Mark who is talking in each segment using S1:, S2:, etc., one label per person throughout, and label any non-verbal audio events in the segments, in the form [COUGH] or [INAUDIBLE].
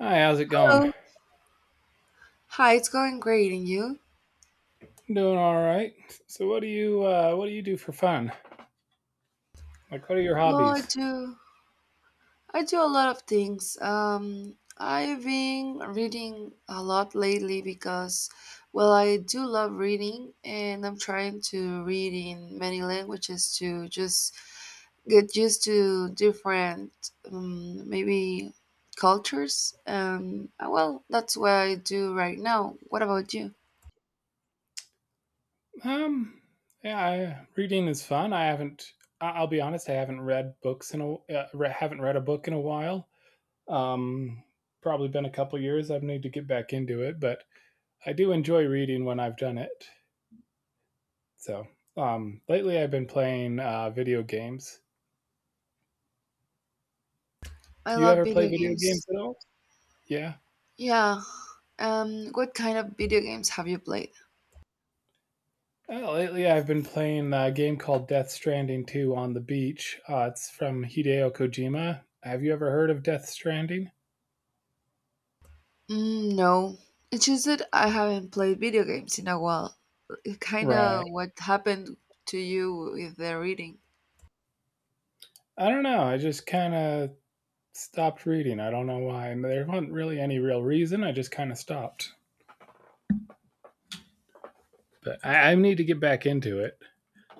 S1: Hi, how's it going?
S2: Hello. Hi, it's going great, and you?
S1: I'm doing all right. So, what do you do for fun? Like, what are your
S2: Well,
S1: hobbies?
S2: I do a lot of things. I've been reading a lot lately because, well, I do love reading, and I'm trying to read in many languages to just get used to different, maybe cultures. Well, that's what I do right now. What about you?
S1: Um, yeah, reading is fun. I haven't. I'll be honest. I haven't read books in a haven't read a book in a while. Um, Probably been a couple years. I need to get back into it, but I do enjoy reading when I've done it. So, lately I've been playing video games.
S2: I
S1: You
S2: love
S1: ever play
S2: video
S1: video games
S2: games.
S1: at all? Yeah.
S2: Yeah. What kind of video games have you played?
S1: Lately, I've been playing a game called Death Stranding 2 on the beach. It's from Hideo Kojima. Have you ever heard of Death Stranding?
S2: Mm, no, it's just that I haven't played video games in a while. Kind
S1: Right.
S2: of what happened to you with the reading.
S1: I don't know. I just kind of stopped reading. I don't know why. And there wasn't really any real reason. I just kind of stopped. But I need to get back into it.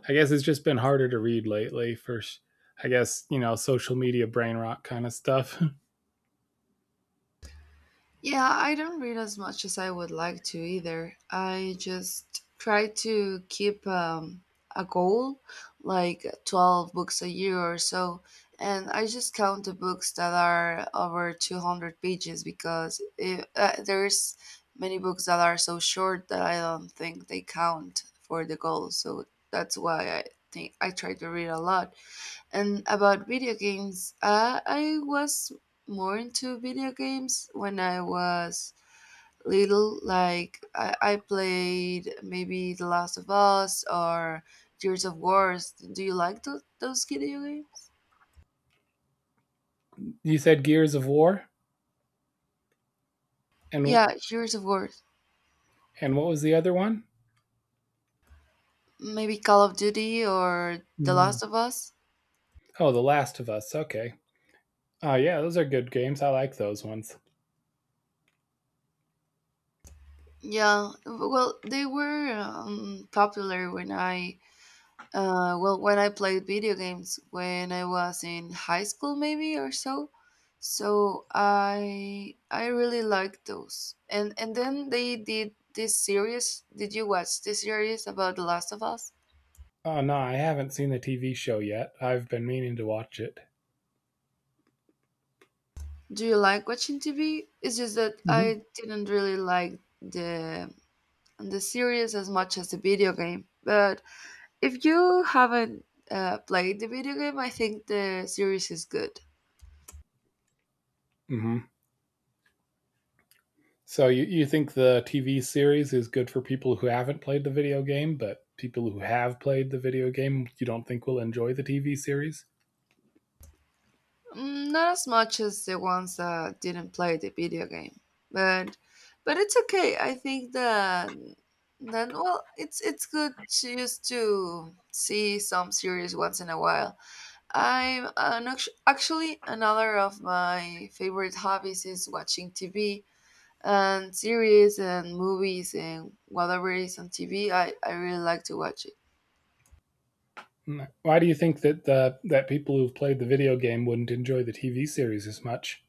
S1: I guess it's just been harder to read lately I guess, social media brain rot kind of stuff.
S2: Yeah, I don't read as much as I would like to either. I just try to keep a goal, like 12 books a year or so. And I just count the books that are over 200 pages because there's many books that are so short that I don't think they count for the goal. So that's why I think I try to read a lot. And about video games, I was more into video games when I was little. Like, I played maybe The Last of Us or Gears of Wars. Do you like those video games?
S1: [LAUGHS] You said Gears of War? And,
S2: Yeah, Gears of War.
S1: and what was the other one?
S2: Maybe Call of Duty or The
S1: Mm.
S2: Last of Us.
S1: Oh, The Last of Us. Okay. Oh, yeah, those are good games. I like those ones.
S2: Yeah, well, they were popular when I played video games when I was in high school, maybe or so, so I really liked those. And then they did this series. Did you watch this series about The Last of Us?
S1: Oh, no, I haven't seen the TV show yet. I've been meaning to watch it.
S2: Do you like watching TV? It's just that
S1: Hmm.
S2: I didn't really like the series as much as the video game. But if you haven't played the video game, I think the series is good.
S1: Hmm. So, you think the TV series is good for people who haven't played the video game, but people who have played the video game you don't think will enjoy the TV series?
S2: Mm, not as much as the ones that didn't play the video game, but it's okay. I think that, then, well, it's good to just to see some series once in a while. Actually, another of my favorite hobbies is watching TV and series and movies and whatever is on TV. I really like to watch it.
S1: No. Why do you think that that people who've played the video game wouldn't enjoy the TV series as much?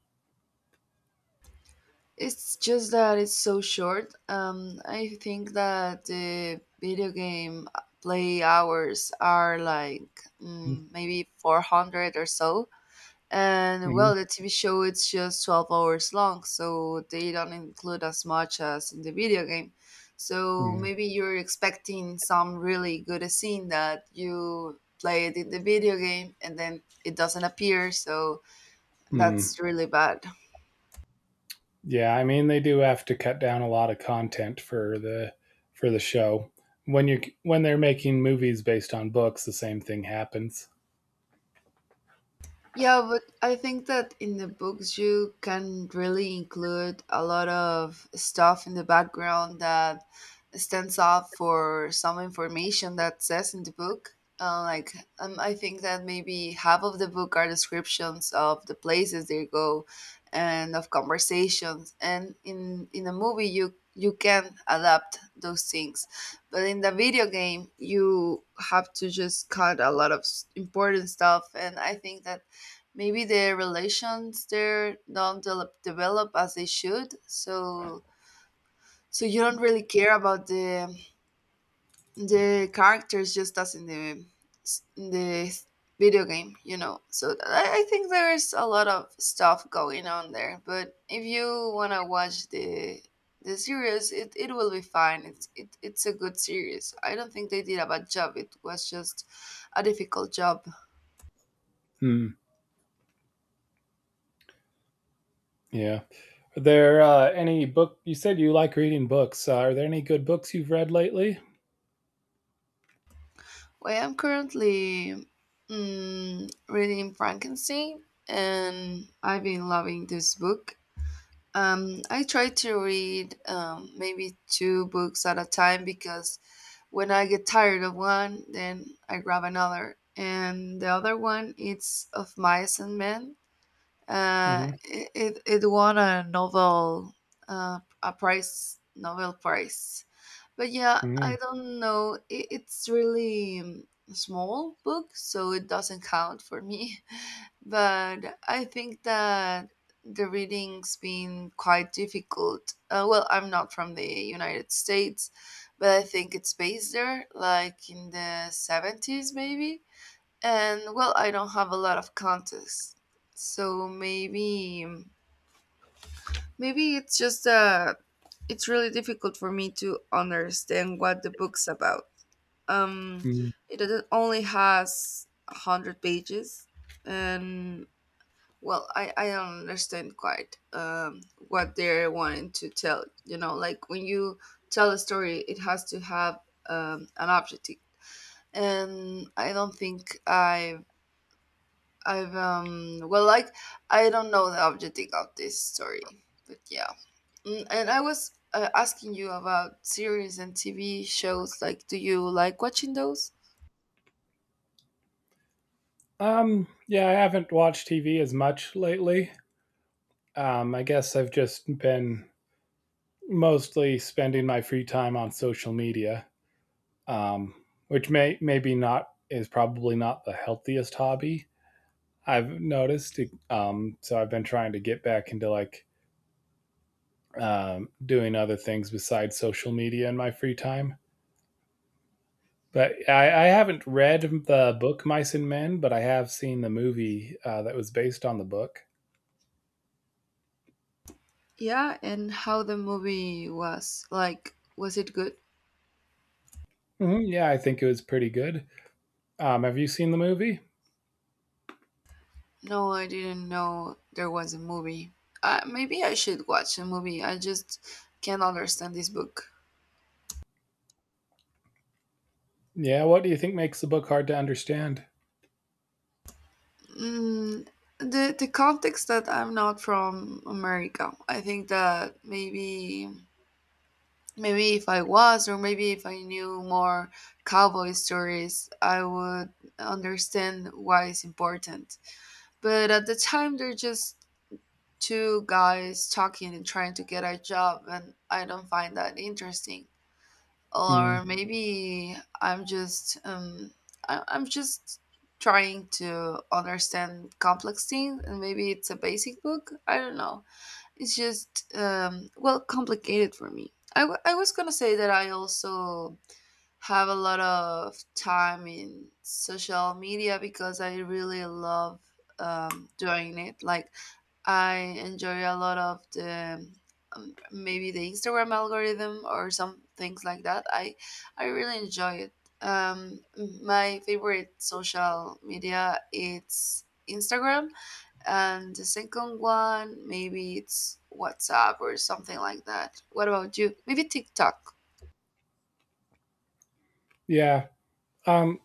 S2: It's just that it's so short. I think that the video game play hours are like maybe 400 or so. And,
S1: Mm-hmm.
S2: well, the TV show, it's just 12 hours long, so they don't include as much as in the video game. So maybe you're expecting some really good scene that you played in the video game and then it doesn't appear, so
S1: Mm-hmm.
S2: that's really bad.
S1: Yeah, I mean they do have to cut down a lot of content for the show. When they're making movies based on books, the same thing happens.
S2: Yeah, but I think that in the books you can really include a lot of stuff in the background that stands out for some information that says in the book. Like, I think that maybe half of the book are descriptions of the places they go and of conversations. And in a movie you can adapt those things, but in the video game you have to just cut a lot of important stuff. And I think that maybe the relations there don't develop as they should, so you don't really care about the characters just as in the video game, so I think there's a lot of stuff going on there. But if you want to watch the series, it will be fine. It's a good series. I don't think they did a bad job. It was just a difficult job.
S1: Hmm. Yeah. Are there any book? You said you like reading books. Are there any good books you've read lately?
S2: Well, I'm currently reading Frankenstein, and I've been loving this book. I try to read maybe two books at a time, because when I get tired of one, then I grab another. And the other one, it's of Mice and Men. Uh,
S1: Hmm.
S2: it, it, it won a novel, a prize, Nobel Prize. But yeah, I
S1: Hmm.
S2: don't know, it's really a small book, so it doesn't count for me. [LAUGHS] But I think that the reading's been quite difficult. Well, I'm not from the United States, but I think it's based there, like in the 70s, maybe. And, well, I don't have a lot of context. So maybe, it's just it's really difficult for me to understand what the book's about. Um it it only has 100 pages. And, well, I don't understand quite what they're wanting to tell, like when you tell a story, it has to have an objective. And I don't think I I've well like I don't know the objective of this story. But yeah. And I was asking you about series and TV shows. Like, do you like watching those?
S1: Yeah, I haven't watched TV as much lately. I guess I've just been mostly spending my free time on social media. um, which maybe not is probably not the healthiest hobby I've noticed. So I've been trying to get back into like doing other things besides social media in my free time. But I haven't read the book Mice and Men, but I have seen the movie that was based on the book.
S2: Yeah, and how the movie was. Like, was it good?
S1: Hmm. Yeah, I think it was pretty good. Have you seen the movie?
S2: No, I didn't know there was a movie. Maybe I should watch a movie. I just can't understand this book.
S1: Yeah. What do you think makes the book hard to understand?
S2: Mm, the context that I'm not from America. I think that maybe if I was, or maybe if I knew more cowboy stories, I would understand why it's important. But at the time, they're just two guys talking and trying to get a job. And I don't find that interesting.
S1: Hmm.
S2: Or maybe I'm just trying to understand complex things. And maybe it's a basic book, I don't know. It's just well, complicated for me. I was gonna say that I also have a lot of time in social media, because I really love doing it. Like, I enjoy a lot of the maybe the Instagram algorithm or some things like that. I really enjoy it. Um, my favorite social media, it's Instagram, and the second one maybe it's WhatsApp or something like that. What about you? Maybe TikTok.
S1: Yeah. Um,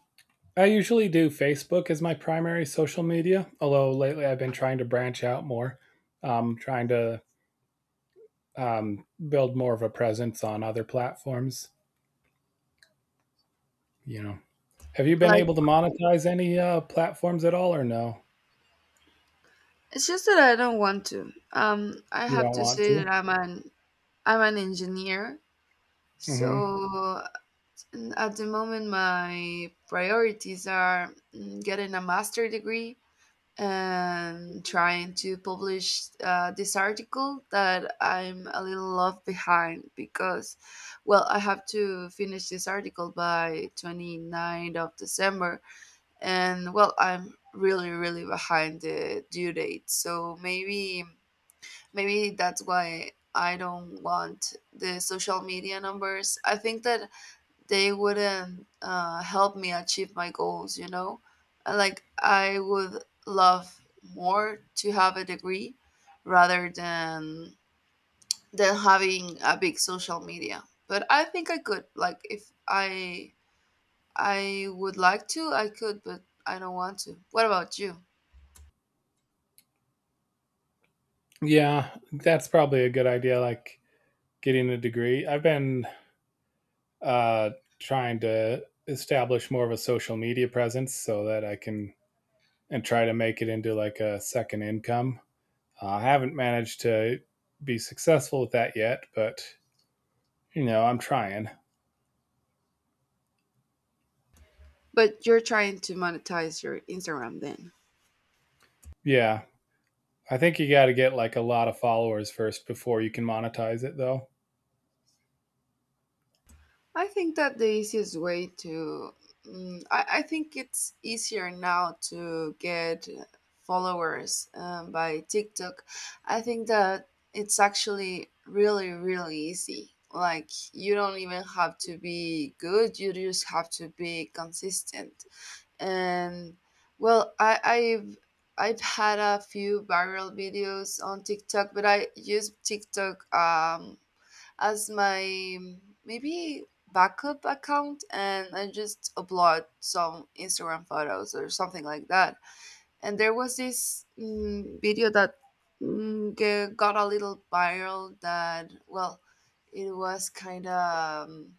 S1: I usually do Facebook as my primary social media, although lately I've been trying to branch out more, trying to build more of a presence on other platforms. You know, have you been
S2: Like,
S1: able to monetize any platforms at all, or no?
S2: it's just that I don't want to. I
S1: You
S2: have
S1: don't
S2: to
S1: want
S2: say that
S1: to?
S2: I'm an engineer,
S1: Hmm.
S2: so at the moment my priorities are getting a master degree, and trying to publish this article that I'm a little off behind because, well, I have to finish this article by twenty ninth of December. And, well, I'm really really behind the due date. So maybe that's why I don't want the social media numbers. I think that they wouldn't help me achieve my goals, you know? Like, I would love more to have a degree rather than having a big social media. But I think I could. Like, if I I would like to, I could, but I don't want to. What about you?
S1: Yeah, that's probably a good idea. Like getting a degree. I've been uh, trying to establish more of a social media presence so that I can and try to make it into like a second income. I haven't managed to be successful with that yet, but I'm trying.
S2: But you're trying to monetize your Instagram, then.
S1: Yeah, I think you got to get like a lot of followers first before you can monetize it, though.
S2: I think that the easiest way to, I think it's easier now to get followers by TikTok. I think that it's actually really, really easy. Like, you don't even have to be good, you just have to be consistent. And, well, I've had a few viral videos on TikTok, but I use TikTok as my maybe backup account, and I just upload some Instagram photos or something like that. And there was this video that got a little viral that, well, it was kind of, um,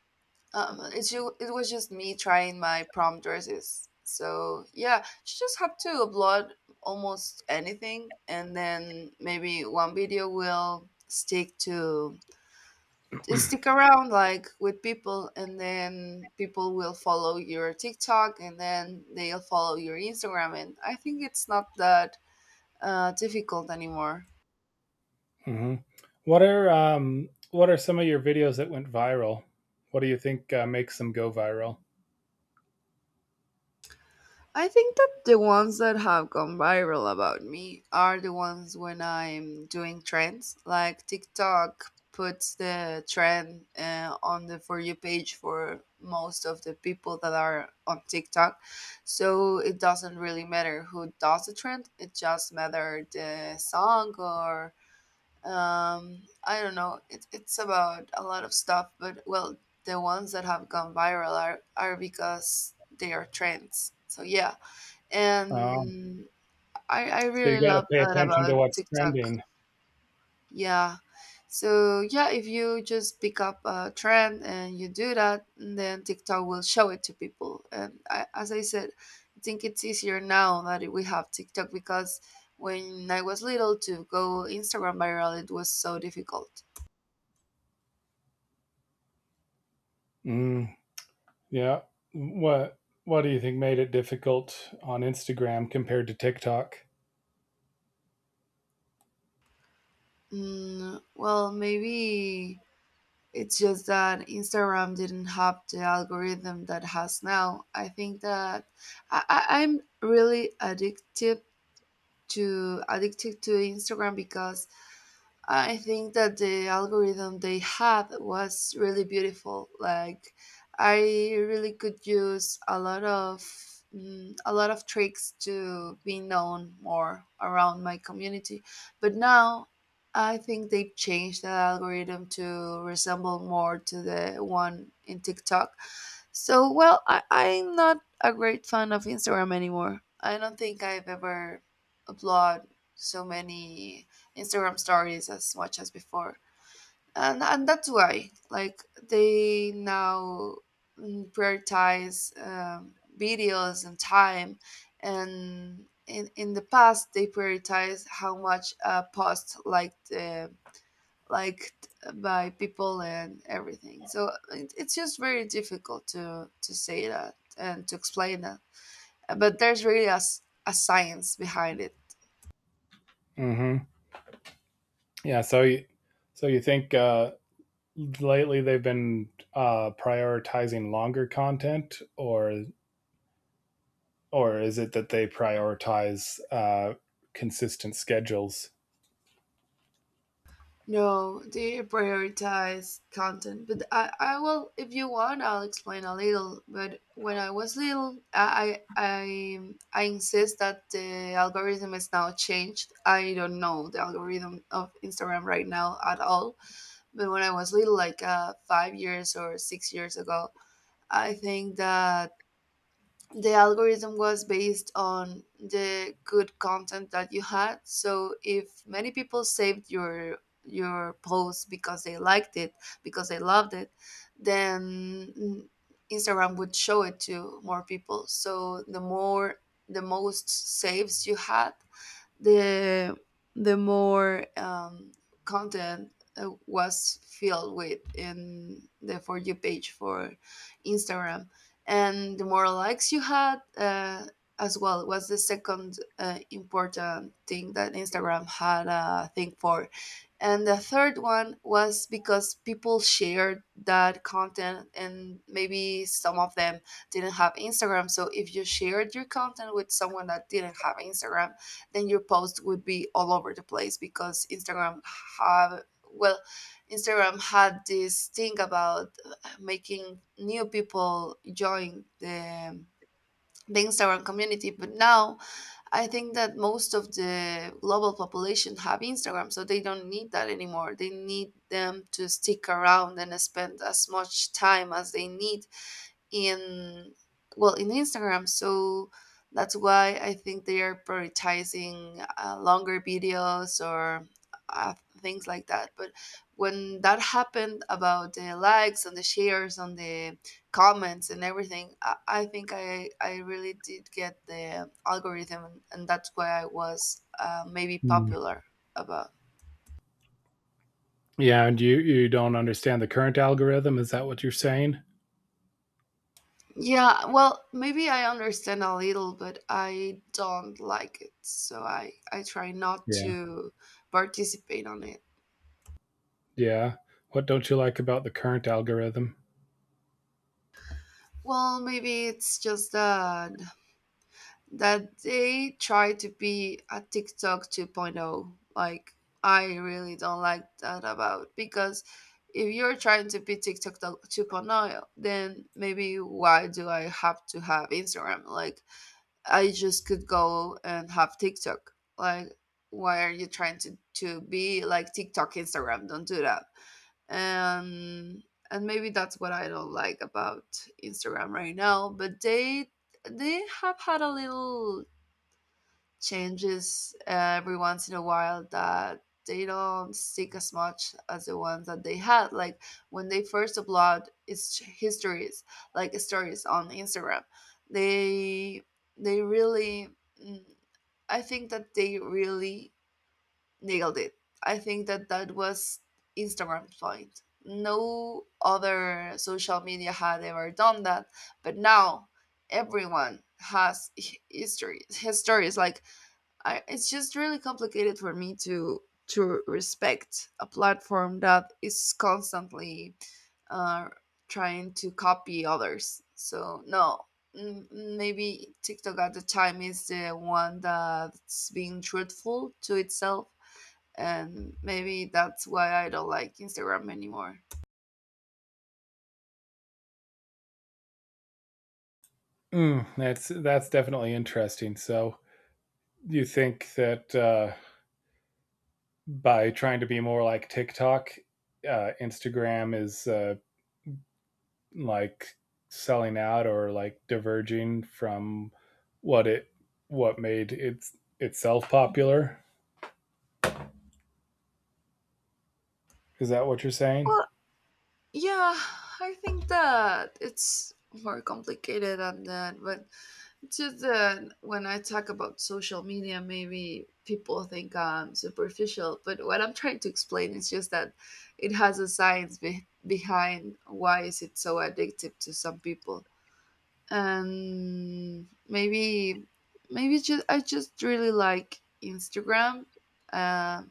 S2: um, it's ju- it was just me trying my prom dresses. So yeah, you just have to upload almost anything and then maybe one video will stick to
S1: [CLEARS THROAT]
S2: stick around, like with people, and then people will follow your TikTok and then they'll follow your Instagram, and I think it's not that difficult anymore.
S1: Hmm. What are some of your videos that went viral? What do you think makes them go viral?
S2: I think that the ones that have gone viral about me are the ones when I'm doing trends. Like, TikTok puts the trend on the For You page for most of the people that are on TikTok. So it doesn't really matter who does the trend, it just matters the song or I don't know. It's about a lot of stuff, but, well, the ones that have gone viral are because they are trends. So yeah.
S1: Um,
S2: And I
S1: so you
S2: really
S1: got to
S2: love
S1: pay
S2: that
S1: attention to
S2: about
S1: what's
S2: TikTok.
S1: trending.
S2: Yeah. So yeah, if you just pick up a trend and you do that, then TikTok will show it to people. And I, as I said, I think it's easier now that we have TikTok, because when I was little to go Instagram viral, it was so difficult.
S1: Mm, yeah. What What do you think made it difficult on Instagram compared to TikTok?
S2: Well, maybe it's just that Instagram didn't have the algorithm that has now. I think that I'm really addicted to Instagram because I think that the algorithm they had was really beautiful. Like, I really could use a lot of a lot of tricks to be known more around my community. But now, I think they changed the algorithm to resemble more to the one in TikTok. So, well, I'm not a great fan of Instagram anymore. I don't think I've ever uploaded so many Instagram stories as much as before. And that's why, like, they now prioritize videos and time. And in the past, they prioritize how much a post liked, liked by people and everything. So it's just very difficult to say that and to explain that. But there's really a science behind it.
S1: Hmm. Yeah. So you think lately they've been prioritizing longer content, or is it that they prioritize consistent schedules?
S2: No, they prioritize content. But I will, if you want, I'll explain a little. But when I was little, I insist that the algorithm is now changed. I don't know the algorithm of Instagram right now at all. But when I was little, like 5 years or 6 years ago, I think that the algorithm was based on the good content that you had, so if many people saved your post because they liked it, because they loved it, then Instagram would show it to more people. So the more, the most saves you had, the more content was filled with in the For You page for Instagram, and the more likes you had, as well, was the second important thing that Instagram had a thing for. And the third one was because people shared that content, and maybe some of them didn't have Instagram. So if you shared your content with someone that didn't have Instagram, then your post would be all over the place, because Instagram have, well, Instagram had this thing about making new people join the Instagram community. But now I think that most of the global population have Instagram, so they don't need that anymore. They need them to stick around and spend as much time as they need in, well, in Instagram. So that's why I think they are prioritizing longer videos or uh, things like that. But when that happened about the likes and the shares and the comments and everything, I think I really did get the algorithm, and that's why I was maybe
S1: Hmm.
S2: popular about.
S1: Yeah, and you don't understand the current algorithm. Is that what you're saying?
S2: Yeah, well, maybe I understand a little, but I don't like it. So I try not
S1: Yeah,
S2: to participate on it.
S1: yeah. What don't you like about the current algorithm?
S2: Well, maybe it's just that they try to be a TikTok 2.0. Like, I really don't like that about, because if you're trying to be TikTok 2.0, then maybe why do I have to have Instagram? Like, I just could go and have TikTok. Like, why are you trying to be like TikTok, Instagram? Don't do that. And maybe that's what I don't like about Instagram right now. But they have had a little changes every once in a while that they don't stick as much as the ones that they had, like when they first upload its histories, like stories on Instagram. They they really mm, I think that they really nailed it. I think that that was Instagram's point. No other social media had ever done that. But now everyone has his histories, his stories. Like, it's just really complicated for me to respect a platform that is constantly uh, trying to copy others. So no, maybe TikTok at the time is the one that's being truthful to itself, and maybe that's why I don't like Instagram anymore.
S1: Mm, that's definitely interesting. So you think that by trying to be more like TikTok, Instagram is like selling out or like diverging from what it what made it itself popular. Is that what you're saying?
S2: Well, yeah, I think that it's more complicated than that, but just that when I talk about social media, maybe people think I'm superficial, but what I'm trying to explain is just that it has a science behind why is it so addictive to some people. And maybe, maybe just, I just really like Instagram, uh,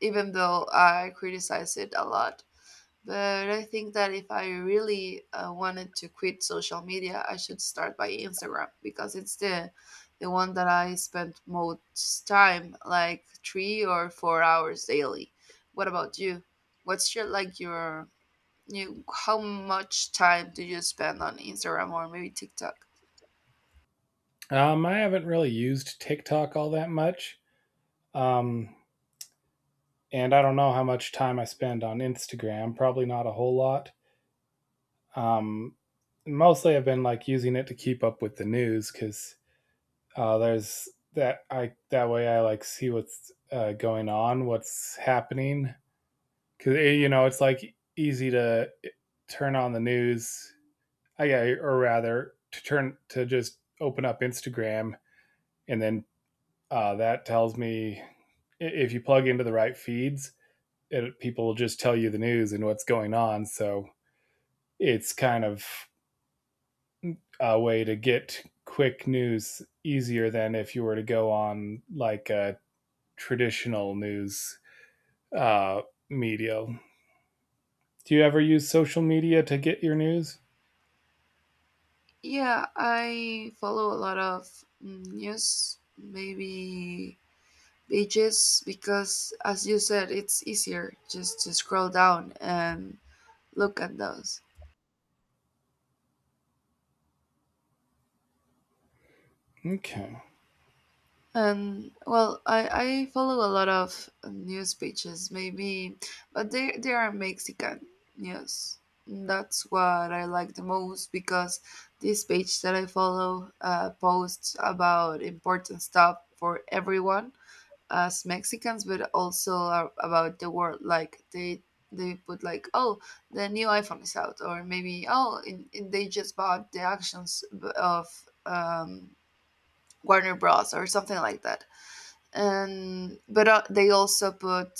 S2: even though I criticize it a lot. But I think that if I really wanted to quit social media, I should start by Instagram, because it's the one that I spend most time, like 3 or 4 hours daily. What about you? What's your, like, your you? How much time do you spend on Instagram or maybe TikTok?
S1: I haven't really used TikTok all that much. Um, and I don't know how much time I spend on Instagram, probably not a whole lot. Um, Mostly I've been like using it to keep up with the news because there's that I that way I like see what's going on, what's happening, because it's like easy to turn on the news. I yeah or rather to just open up Instagram, and then that tells me if you plug into the right feeds, people will just tell you the news and what's going on. So it's kind of a way to get quick news easier than if you were to go on like a traditional news uh, media. Do you ever use social media to get your news?
S2: Yeah, I follow a lot of news, maybe beaches, because as you said, it's easier just to scroll down and look at those.
S1: Okay.
S2: And well, I follow a lot of news pages, maybe, but they are Mexican news. That's what I like the most, because this page that I follow posts about important stuff for everyone as Mexicans, but also are about the world. Like, they put like, oh, the new iPhone is out, or maybe, oh, they just bought the actions of Warner Bros. Or something like that. And but they also put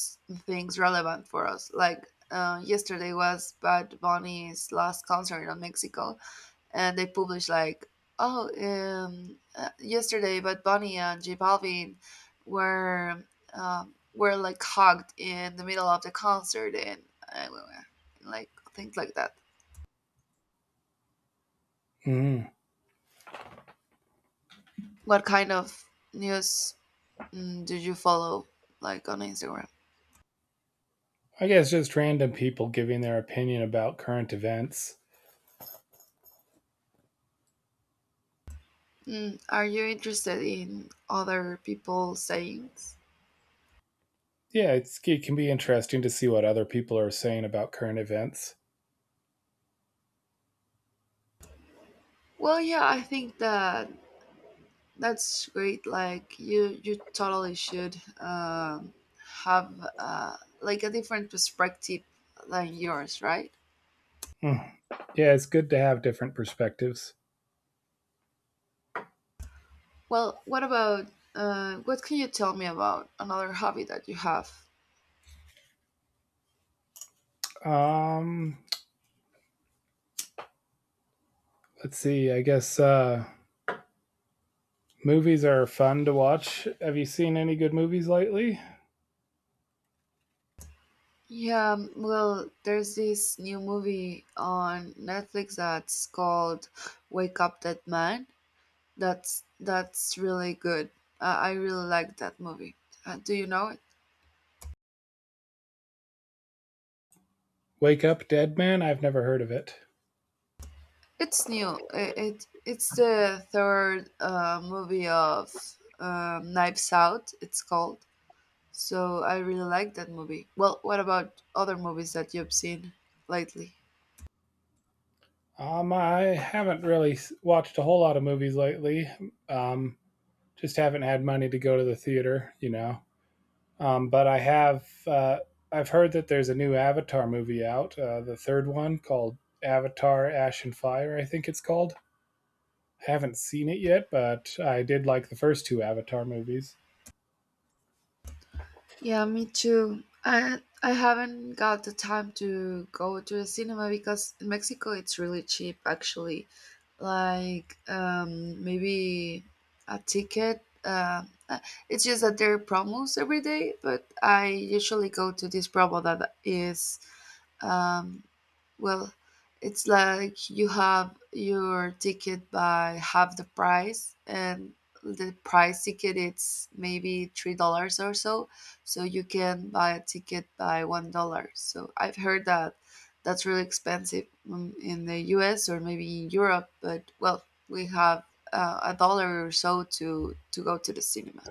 S2: things relevant for us. Like, yesterday was Bad Bunny's last concert in Mexico, and they publish like, oh, yesterday Bad Bunny and J Balvin were, were like hugged in the middle of the concert, and uh, like things like that.
S1: Mm.
S2: What kind of news do you follow, like, on Instagram?
S1: I guess just random people giving their opinion about current events.
S2: Mm, are you interested in other people's sayings?
S1: Yeah, it can be interesting to see what other people are saying about current events.
S2: Well, yeah, I think that that's great. Like, you totally should have like a different perspective than yours, right?
S1: Mm. Yeah, it's good to have different perspectives.
S2: Well, what about, what can you tell me about another hobby that you have?
S1: Um, let's see. I guess movies are fun to watch. Have you seen any good movies lately?
S2: Yeah, well, there's this new movie on Netflix that's called Wake Up Dead Man. That's really good. I really like that movie. Do you know it?
S1: Wake Up Dead Man. I've never heard of it.
S2: It's new. It's the third movie of Knives Out, it's called. So I really like that movie. Well, what about other movies that you've seen lately?
S1: I haven't really watched a whole lot of movies lately. Um, just haven't had money to go to the theater. But I've heard that there's a new Avatar movie out, the third one called Avatar: Ash and Fire. I think it's called. I haven't seen it yet, but I did like the first two Avatar movies.
S2: Yeah, me too. I haven't got the time to go to the cinema, because in Mexico it's really cheap actually. Like, um, maybe a ticket. Uh, it's just that there are promos every day, but I usually go to this promo that is, um, well, it's like you have your ticket by half the price, and the price ticket, it's maybe $3 or so. So you can buy a ticket by $1. So I've heard that that's really expensive in the U.S. or maybe in Europe, but well, we have a dollar or so to go to the cinema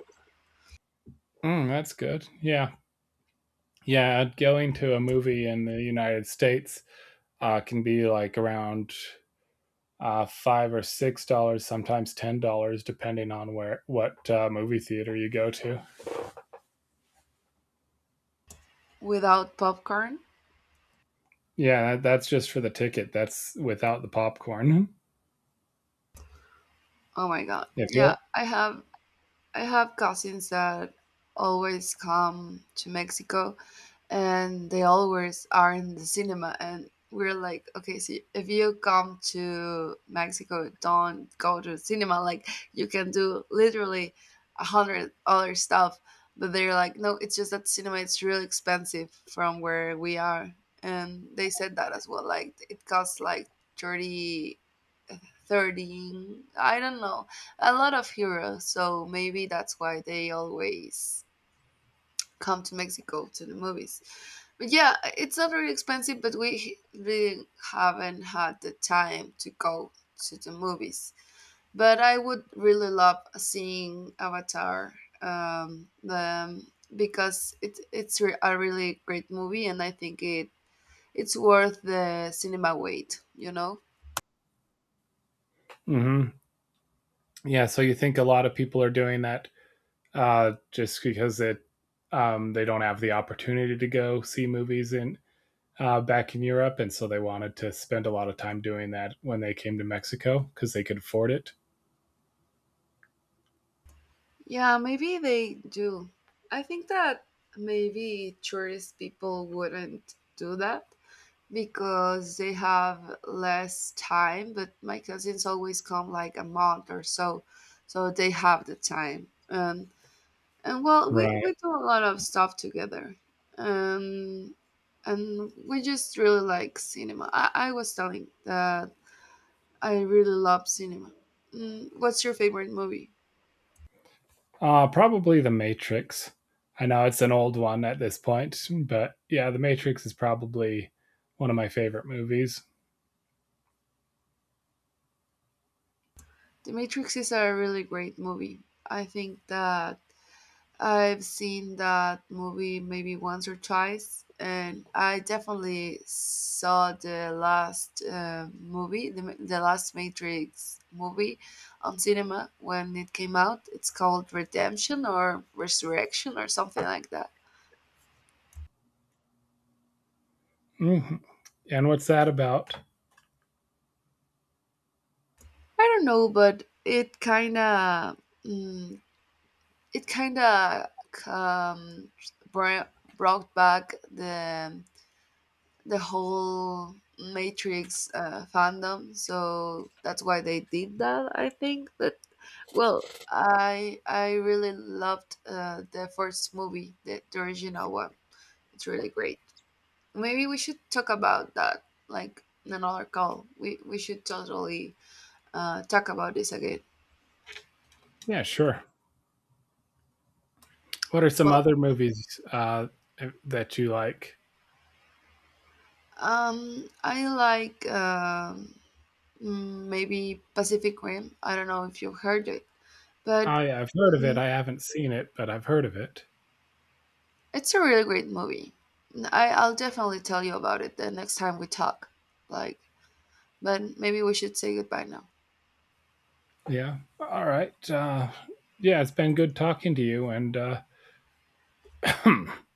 S1: Mm, that's good. Yeah, yeah. Going to a movie in the United States can be like around $5 or $6, sometimes $10, depending on where what movie theater you go to.
S2: without popcorn.
S1: Yeah, that's just for the ticket. That's without the popcorn. [LAUGHS]
S2: Oh my god!
S1: If
S2: Yeah,
S1: you
S2: I have, I have cousins that always come to Mexico, and they always are in the cinema, and we're like, okay, so if you come to Mexico, don't go to the cinema. Like, you can do literally a hundred other stuff. But they're like, no, it's just that cinema, it's really expensive from where we are. And they said that as well, like it costs like 30, 13, I don't know, a lot of euros. So maybe that's why they always come to Mexico to the movies. But yeah, it's not very expensive, but we really haven't had the time to go to the movies. But I would really love seeing Avatar, because it's a really great movie, and I think it's worth the cinema wait, you know?
S1: Hmm. Yeah, so you think a lot of people are doing that just because it they don't have the opportunity to go see movies in back in Europe, and so they wanted to spend a lot of time doing that when they came to Mexico because they could afford it.
S2: Yeah, maybe they do. I think that maybe tourist people wouldn't do that, because they have less time, but my cousins always come like a month or so, so they have the time. And well,
S1: Right.
S2: we do a lot of stuff together, um, and we just really like cinema. I was telling that I really love cinema. Mm, what's your favorite movie?
S1: Probably The Matrix. I know it's an old one at this point, but yeah, The Matrix is probably one of my favorite movies.
S2: The Matrix is a really great movie. I think that I've seen that movie maybe once or twice, and I definitely saw the last movie, the, the last Matrix movie on cinema when it came out. It's called Redemption or Resurrection or something like that.
S1: Hmm. And what's that about?
S2: I don't know, but it kind of, mm, it kind of, um, br- brought back the whole Matrix fandom. So that's why they did that. I think that, well, I really loved the first movie, the original one. It's really great. Maybe we should talk about that, like in another call. We should totally talk about this again.
S1: Yeah, sure. What are some
S2: Well,
S1: other movies that you like?
S2: I like, maybe Pacific Rim. I don't know if you've heard it, but,
S1: I've heard of it.
S2: mm,
S1: I haven't seen it, but I've heard of it.
S2: it's a really great movie. I'll definitely tell you about it the next time we talk. Like, but maybe we should say goodbye now.
S1: Yeah. All right. Yeah, it's been good talking to you. And [CLEARS THROAT]